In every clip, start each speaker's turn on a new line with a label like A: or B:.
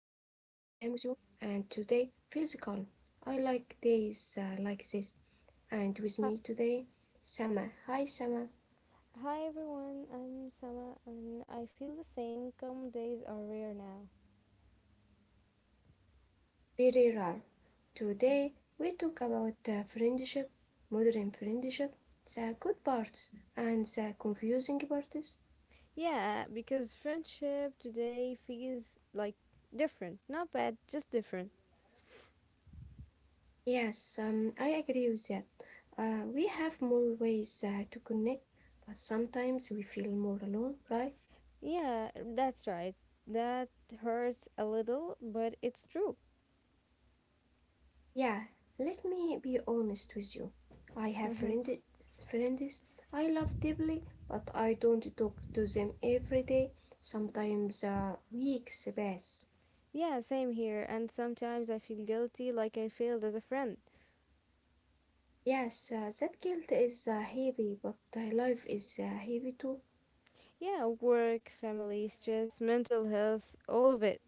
A: Wissam with you, and today feels calm. I like days like this,
B: Hi,
A: and with me today, Sama. Hi Sama.
B: Hi everyone, I'm Sama and I feel the same. Calm days are rare now.
A: Very rare. Today we talk about friendship, modern friendship, the good parts and the confusing parts.
B: Yeah, because friendship today feels like different. Not bad, just different.
A: Yes, I agree with that. We have more ways to connect, but sometimes we feel more alone, right?
B: Yeah, that's right. That hurts a little, but it's true.
A: Yeah, let me be honest with you. I have
B: hmm
A: friends I love deeply, but I don't talk to them every day. Sometimes weeks pass.
B: Yeah, same here. And sometimes I feel guilty like I failed as a friend.
A: Yes, that guilt is heavy, but life is heavy too.
B: Yeah, work, family, stress, mental health, all of it.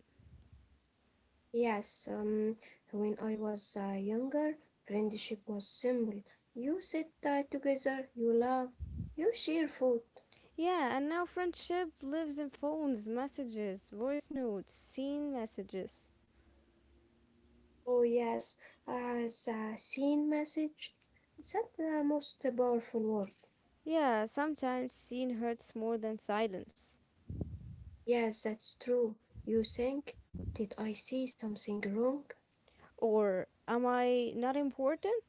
A: Yes, when I was younger, friendship was simple. You sit together, you laugh, you share food.
B: Yeah, and now friendship lives in phones, messages, voice notes, scene messages.
A: Oh yes, as a seen message. That's the most powerful word.
B: Yeah, sometimes scene hurts more than silence.
A: Yes, that's true. You think, did I see something wrong?
B: Or am I not important?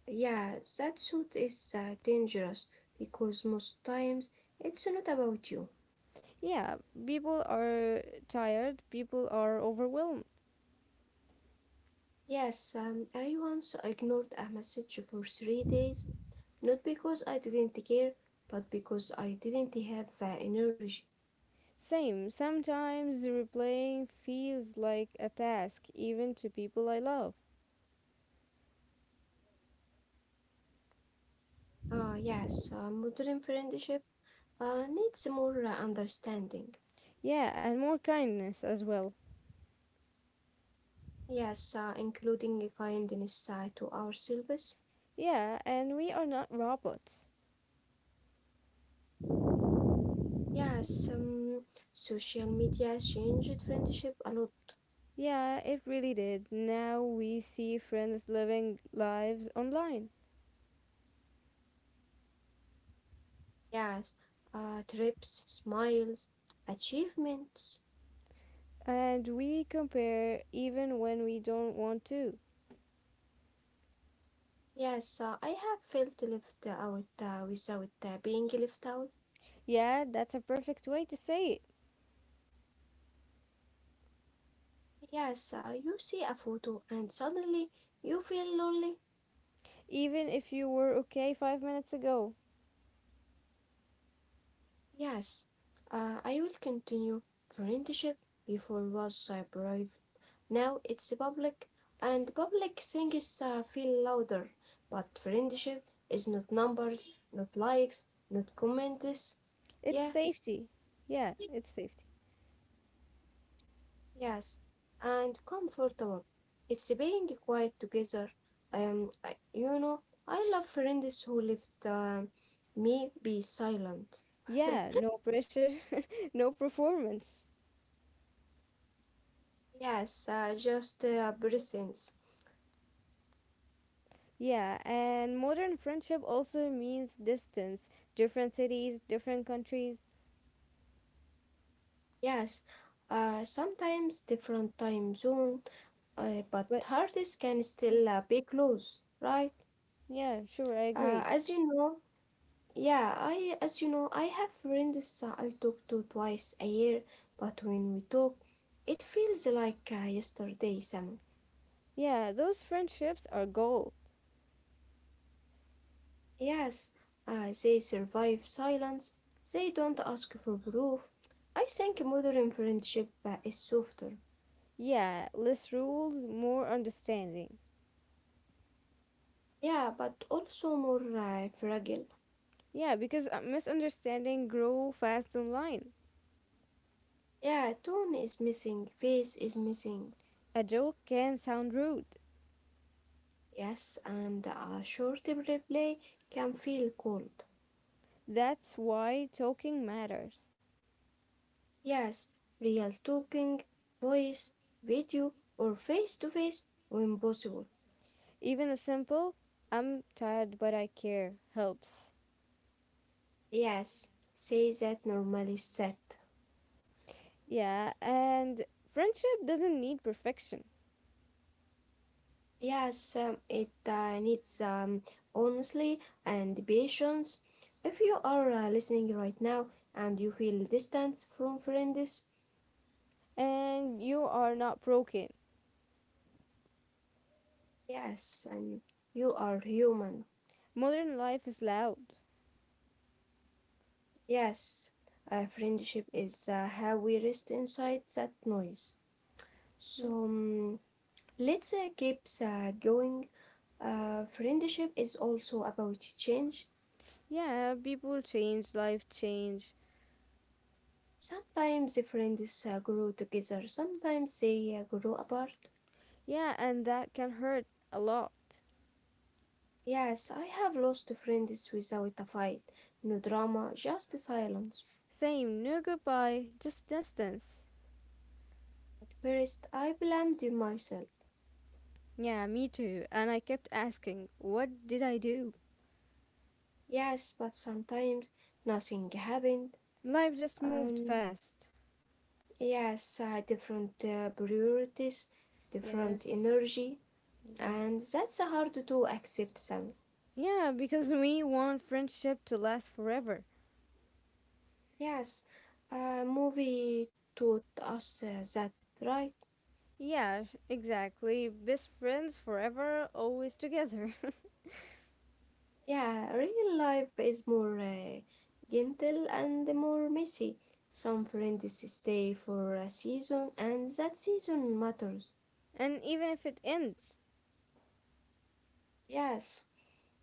A: Yeah, that suit is dangerous because most times it's not about you.
B: Yeah, people are tired, people are overwhelmed.
A: Yes, I once ignored a message for 3 days, not because I didn't care, but because I didn't have the energy.
B: Same, sometimes replaying feels like a task, even to people I love.
A: Ah, yes, modern friendship needs more understanding.
B: Yeah, and more kindness as well.
A: Yes, including a kindness to ourselves.
B: Yeah, and we are not robots.
A: Yes, social media changed friendship a lot.
B: Yeah, it really did. Now we see friends living lives online,
A: Yes, trips, smiles, achievements.
B: and we compare even when we don't want to.
A: Yes, I have felt left out without being left out.
B: Yeah, that's a perfect way to say it.
A: Yes, you see a photo and suddenly you feel lonely.
B: Even if you were okay 5 minutes ago,
A: Yes, I will continue. Friendship before was private. Now it's public, and public things feel louder. But friendship is not numbers, not likes, not comments.
B: it's
A: Yeah,
B: safety. Yeah, it's safety.
A: yes, and comfortable. It's being quiet together. Um, I- you know, I love friends who let me be silent.
B: Yeah, no pressure, no performance.
A: Yes, just presence.
B: Yeah, and modern friendship also means distance, different cities, different countries.
A: Yes, sometimes different time zone, but
B: But
A: artists can still be close, right?
B: yeah, sure, I agree.
A: As you know, yeah, I have friends I talk to twice a year, but when we talk, it feels like yesterday, Sam.
B: Yeah, those friendships are gold.
A: Yes, they survive silence. They don't ask for proof. I think modern friendship is softer.
B: Yeah, less rules, more understanding.
A: Yeah, but also more fragile.
B: Yeah, because misunderstanding grow fast online.
A: Yeah, tone is missing, face is missing.
B: A joke can sound rude.
A: Yes, and a short replay can feel cold.
B: That's why talking matters.
A: Yes, real talking, voice, video, or face to face when possible.
B: Even a simple "I'm tired but I care" helps.
A: Yes, say that normally set.
B: Yeah, and friendship doesn't need perfection.
A: Yes, it needs honestly and patience. If you are listening right now and you feel distance from friends,
B: And you are not broken.
A: yes, and you are human.
B: Modern life is loud.
A: Yes, friendship is how we rest inside that noise.
B: Yeah,
A: So let's keep going. Friendship is also about change.
B: yeah, people change, life change.
A: Sometimes the friends grow together, sometimes they grow apart.
B: Yeah, and that can hurt a lot.
A: Yes, I have lost friends without a fight. No drama, just silence.
B: Same, no goodbye, just distance.
A: At first, I blamed myself.
B: Yeah, me too. And I kept asking, what did I do?
A: Yes, but sometimes nothing happened.
B: Life just moved
A: Um,
B: fast.
A: Yes, different priorities,
B: Yeah,
A: different energy,
B: yeah.
A: and that's hard to accept some.
B: Yeah, because we want friendship to last forever.
A: Yes, a movie taught us that, right?
B: Yeah, exactly. Best friends forever, always together.
A: Yeah, real life is more gentle and more messy. Some friends stay for a season, and that season matters.
B: And even if it ends,
A: Yes,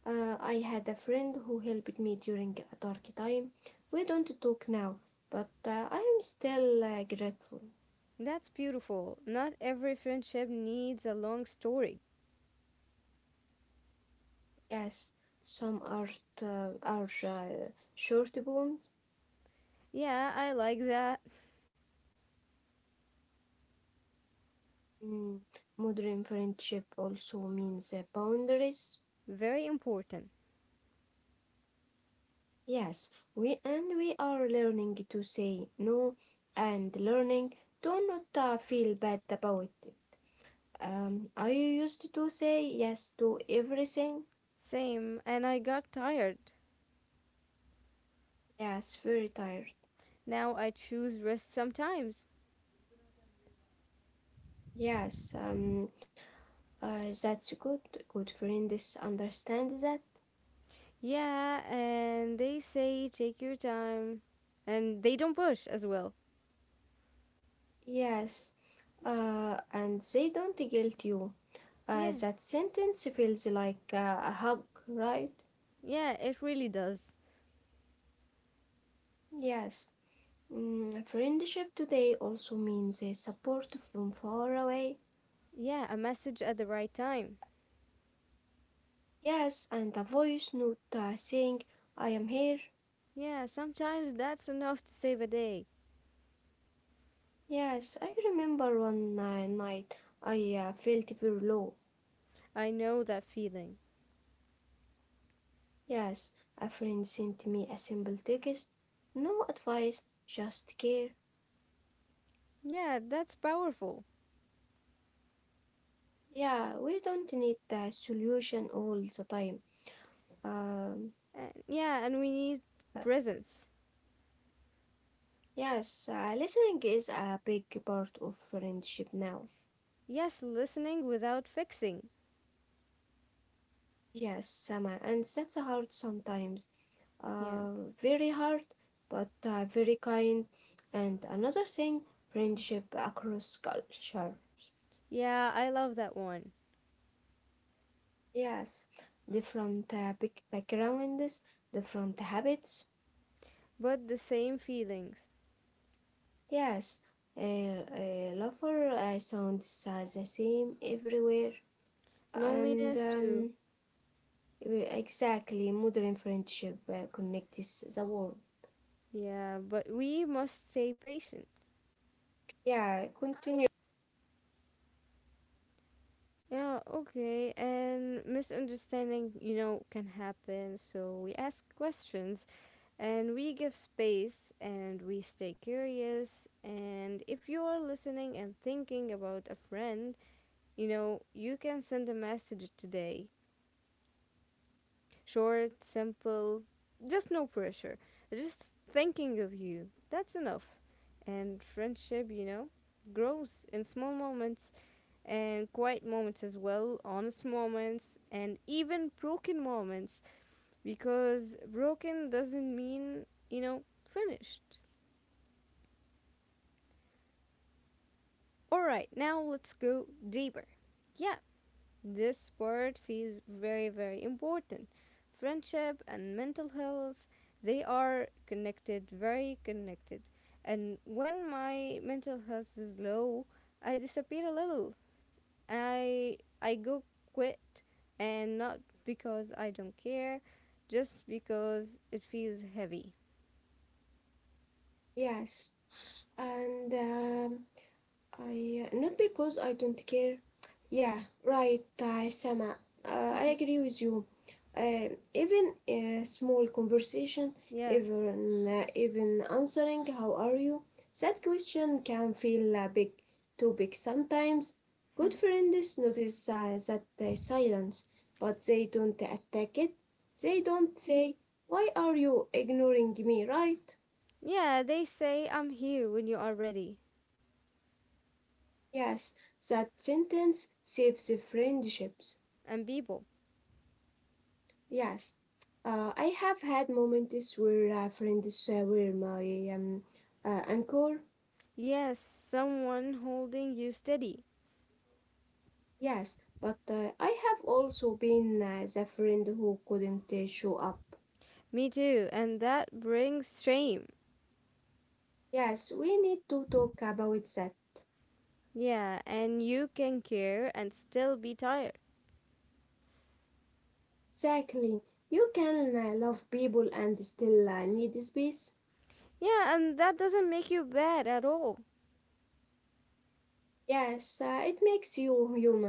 A: I had a friend who helped me during a dark time. We don't talk now, but I am still grateful.
B: that's beautiful. Not every friendship needs a long story.
A: Yes, some art are short bonds.
B: Yeah, I like that.
A: Mm, Modern friendship also means boundaries.
B: Very important.
A: Yes, we are learning to say no and learning to not feel bad about it. I used to say yes to everything.
B: Same, and I got tired.
A: Yes, very tired.
B: Now I choose rest sometimes.
A: Yes, that's good. Good friends understand that.
B: Yeah, and they say take your time. And they don't push as well.
A: Yes, and they don't guilt you.
B: Yeah,
A: That sentence feels like a hug, right?
B: yeah, it really does.
A: Yes. Friendship today also means support from far away.
B: Yeah, a message at the right time.
A: Yes, and a voice note saying, I am here.
B: Yeah, sometimes that's enough to save a day.
A: Yes, I remember one night I felt very low.
B: I know that feeling.
A: Yes, a friend sent me a simple text, no advice, just care.
B: Yeah, that's powerful.
A: Yeah, we don't need the solution all the time. Um,
B: And yeah, and we need
A: uh,
B: presence.
A: yes, listening is a big part of friendship now.
B: Yes, listening without fixing.
A: Yes, Sama, and that's hard sometimes.
B: Yeah.
A: Uh, Very hard, but very kind. And another thing, friendship across culture.
B: Yeah, I love that one.
A: Yes, different big backgrounds, different habits.
B: But the same feelings.
A: Yes, a lover sounds the same everywhere. And
B: Loneliness too.
A: exactly, modern friendship connects the world.
B: Yeah, but we must stay patient.
A: Yeah, continue.
B: Yeah, okay. And misunderstanding, you know, can happen. So we ask questions and we give space and we stay curious. And if you are listening and thinking about a friend, you can send a message today. Short, simple, just no pressure. Just thinking of you. That's enough. And friendship, grows in small moments, and quiet moments as well, honest moments, and even broken moments because broken doesn't mean, you know, finished. Alright, now let's go deeper. Yeah, this part feels very, very important. Friendship and mental health, they are connected, very connected. And when my mental health is low, I disappear a little. I go quit, and not because I don't care, just because it feels heavy.
A: Yes, and I not because I don't care. Yeah, right, Sama.
B: Mhm.
A: I agree with you. Even a small conversation,
B: Yeah.
A: even answering "How are you?" That question can feel big, too big sometimes. Good friends notice that silence, but they don't attack it. They don't say, "Why are you ignoring me?" Right?
B: Yeah, they say I'm here when you are ready.
A: Yes, that sentence saves the friendships.
B: And people.
A: Yes, I have had moments where friends were my anchor.
B: Yes, someone holding you steady.
A: Yes, but I have also been the friend who couldn't show up.
B: Me too. And that brings shame.
A: Yes, we need to talk about that.
B: Yeah, and you can care and still be tired.
A: Exactly. You can love people and still need space.
B: Yeah, and that doesn't make you bad at all.
A: Yes, it makes you human.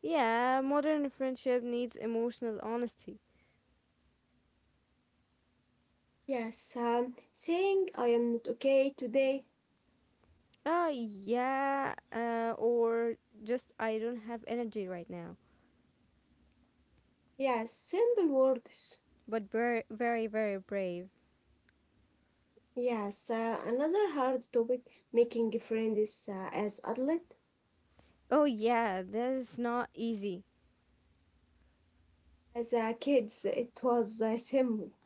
B: Yeah, modern friendship needs emotional honesty.
A: Yes, saying I am not okay today.
B: Ah yeah, or just I don't have energy right now.
A: Yes, simple words.
B: But very, very, very brave.
A: Yes, another hard topic, making friends as adult.
B: Oh, yeah, this is not easy.
A: As kids, it was simple.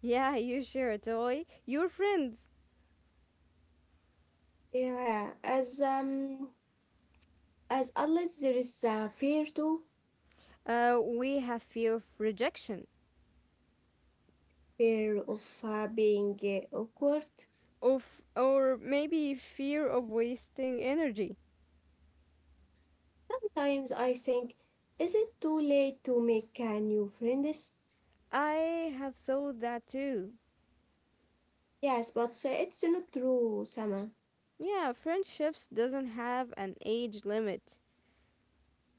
B: Yeah, you share a toy. Your friends.
A: Yeah, as adults, there is fear too,
B: We have fear of rejection,
A: fear of being awkward.
B: of or maybe fear of wasting energy.
A: Sometimes I think, is it too late to make new friends?
B: I have thought that too.
A: Yes, but it's not true, Sama.
B: Yeah, friendships doesn't have an age limit.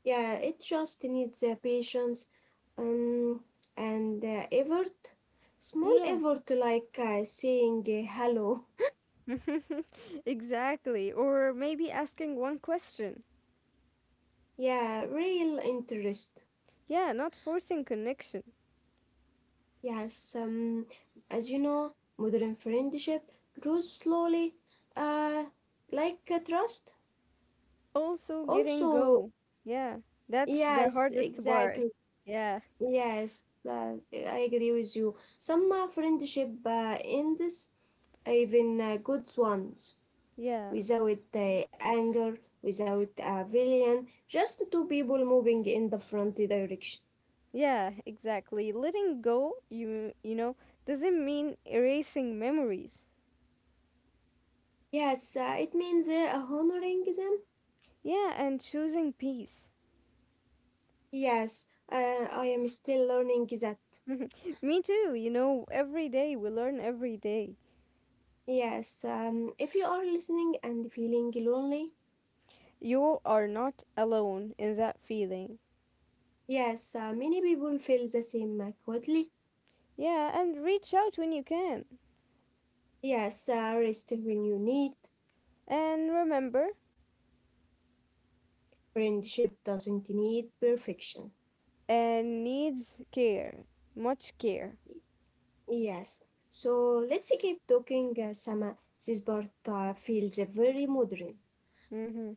A: Yeah, it just needs patience um, and effort. Small
B: Yeah,
A: effort like saying hello.
B: exactly. Or maybe asking one question.
A: Yeah, real interest.
B: Yeah, not forcing connection.
A: Yes, as you know, modern friendship grows slowly, uh, like trust.
B: Also getting
A: Also,
B: go. Yeah, that's the
A: yes,
B: hardest part.
A: exactly.
B: Yeah,
A: Yes, I agree with you. Some friendship ends, even good ones,
B: yeah,
A: without anger, without a villain, just two people moving in the front direction.
B: yeah, exactly. Letting go, you know, doesn't mean erasing memories.
A: Yes, it means honoring them.
B: Yeah, and choosing peace.
A: Yes, uh, I am still learning that.
B: Me too, you know, every day we learn every day.
A: Yes, if you are listening and feeling lonely,
B: You are not alone in that feeling.
A: yes, many people feel the same quietly.
B: Yeah, and reach out when you can.
A: Yes, rest when you need.
B: And remember,
A: Friendship doesn't need perfection.
B: and needs care, much care.
A: Yes. So let's keep talking some this part feels very modern.
B: Mhm.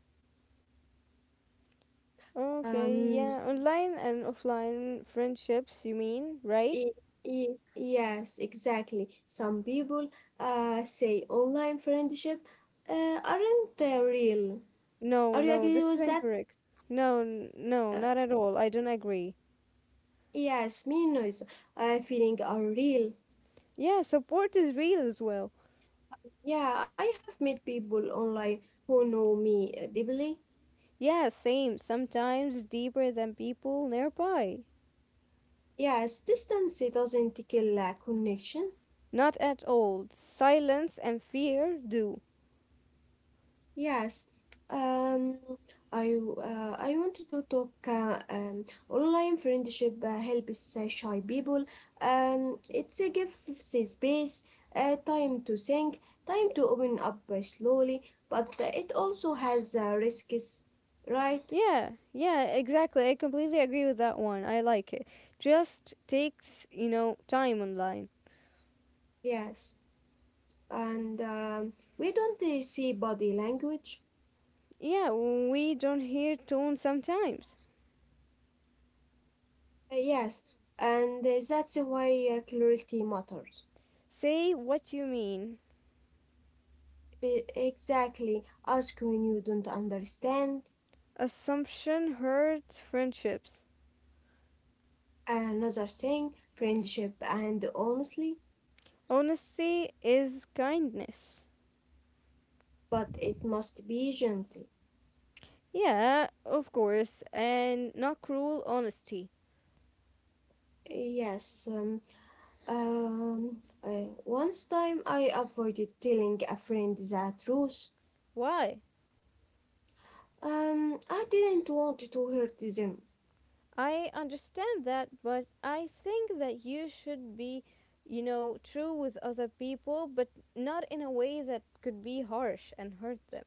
B: Okay,
A: Um
B: yeah, online and offline friendships, you mean, right?
A: i- yes, exactly. Some people say online friendship aren't real. Are
B: No,
A: you
B: no,
A: agree
B: this
A: with
B: is
A: that?
B: incorrect. No, no,
A: Uh,
B: not at all. I don't agree.
A: yes, me neither. I feeling are real.
B: Yeah, support is real as well.
A: Yeah, I have met people online who know me deeply.
B: Yeah, same, sometimes deeper than people nearby.
A: Yes, distance it doesn't kill a connection.
B: Not at all. Silence and fear do.
A: Yes, um, I wanted to talk online friendship helps shy people. It's a gives a space, time to think, time to open up slowly, but it also has risks, right?
B: Yeah, yeah, exactly. I completely agree with that one. I like it. Just takes, time online.
A: Yes, and we don't see body language.
B: Yeah, we don't hear tone sometimes.
A: Yes, and that's why clarity matters.
B: Say what you mean.
A: Exactly. Ask when you don't understand.
B: Assumption hurts friendships.
A: Another thing, friendship and honestly,
B: Honesty is kindness.
A: but it must be gentle.
B: Yeah, of course, and not cruel honesty.
A: Yes. Um, Once time I avoided telling a friend the truth.
B: Why?
A: I didn't want to hurt them.
B: I understand that, but I think that you should be, true with other people, but not in a way that could be harsh and hurt them.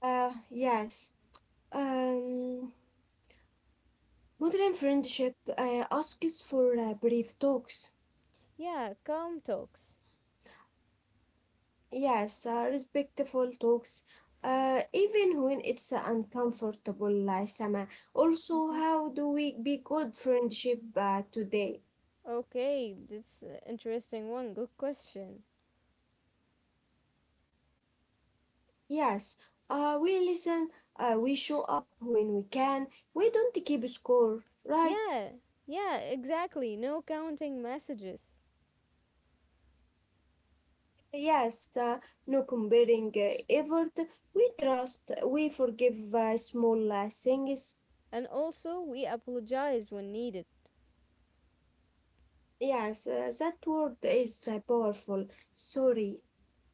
A: Yes. Um, Modern friendship asks for brief talks.
B: Yeah, calm talks.
A: Yes, respectful talks, even when it's uncomfortable, like, Sama. Also,
B: hmm
A: how do we be good friendship today?
B: Okay, that's an interesting one. Good question.
A: Yes, we listen, we show up when we can, we don't keep score, right?
B: Yeah, yeah, exactly. No counting messages.
A: Yes, no comparing effort, we trust, we forgive small things.
B: And also, we apologize when needed.
A: Yes, that word is powerful. Sorry.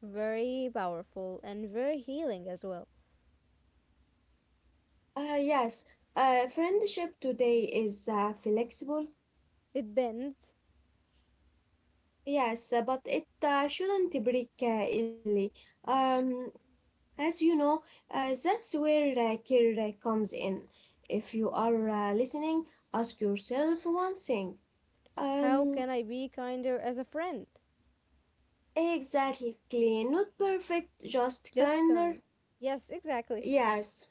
B: Very powerful and very healing as well.
A: Yes, friendship today is flexible.
B: It bends.
A: Yes, but it shouldn't break easily. Um, as you know, that's where care comes in. If you are listening, ask yourself one thing.
B: How can
A: Um,
B: I be kinder as a friend?
A: exactly, not perfect, just
B: Just
A: kinder.
B: kind. Yes, exactly.
A: Yes,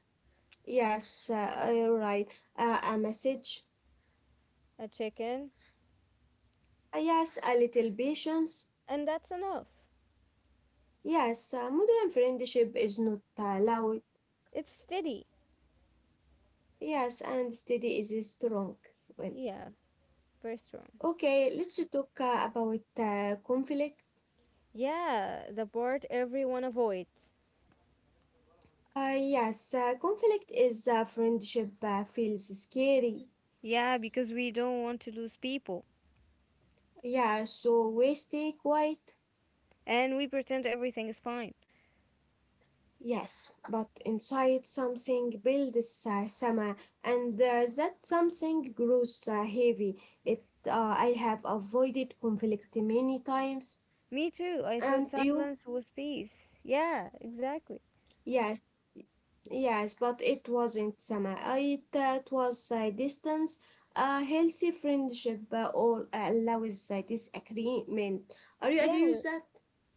A: yes, you're right. A message.
B: A chicken.
A: Yes, a little patience.
B: And that's enough.
A: Yes, modern friendship is not loud.
B: It's steady.
A: Yes, and steady is strong. Well,
B: Yeah, very strong.
A: okay, let's talk about conflict.
B: Yeah, the part everyone avoids.
A: Yes, conflict is friendship feels scary.
B: Yeah, because we don't want to lose people.
A: Yeah, so we stay quiet.
B: And we pretend everything is fine.
A: Yes, but inside something builds summer, and that something grows heavy. It I have avoided conflict many times,
B: Me too. I thought
A: and you?
B: silence was peace. Yeah, exactly.
A: Yes. Yes, but it wasn't summer. It was distance. A healthy friendship allows disagreement. Are you
B: Yeah,
A: agree with
B: well,
A: that?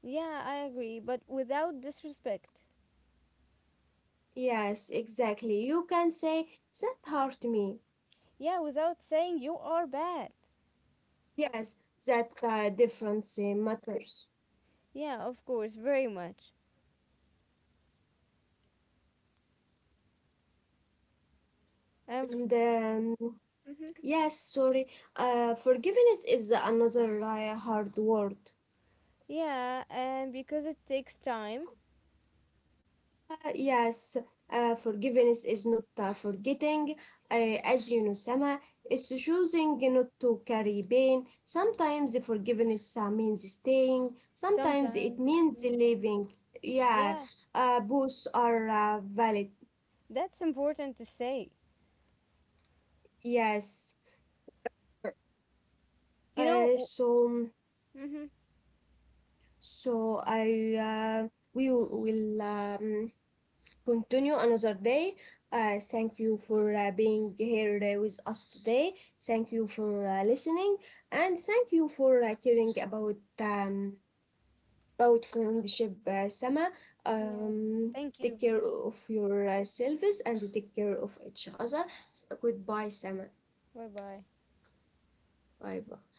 B: yeah, I agree, but without disrespect.
A: Yes, exactly. You can say that hurt me.
B: Yeah, without saying you are bad.
A: Yes, that difference matters.
B: Yeah, of course, very much. And
A: And
B: mhm.
A: yes, sorry. Forgiveness is another hard word.
B: Yeah, and because it takes time,
A: Yes, forgiveness is not forgetting, as you know, Sama. It's choosing not to carry pain. Sometimes forgiveness means staying, sometimes it
B: sometimes it
A: means
B: needs.
A: leaving. Yeah,
B: Yeah,
A: both are valid.
B: that's important to say.
A: Yes.
B: You know.
A: So,
B: Mhm.
A: so I we will continue another day. Thank you for being here with us today. Thank you for listening, and thank you for caring about about friendship, Sama.
B: Yeah.
A: Um,
B: Thank you.
A: Take care of yourselves and take care of each other. Goodbye, Sama.
B: Bye bye.
A: Bye bye.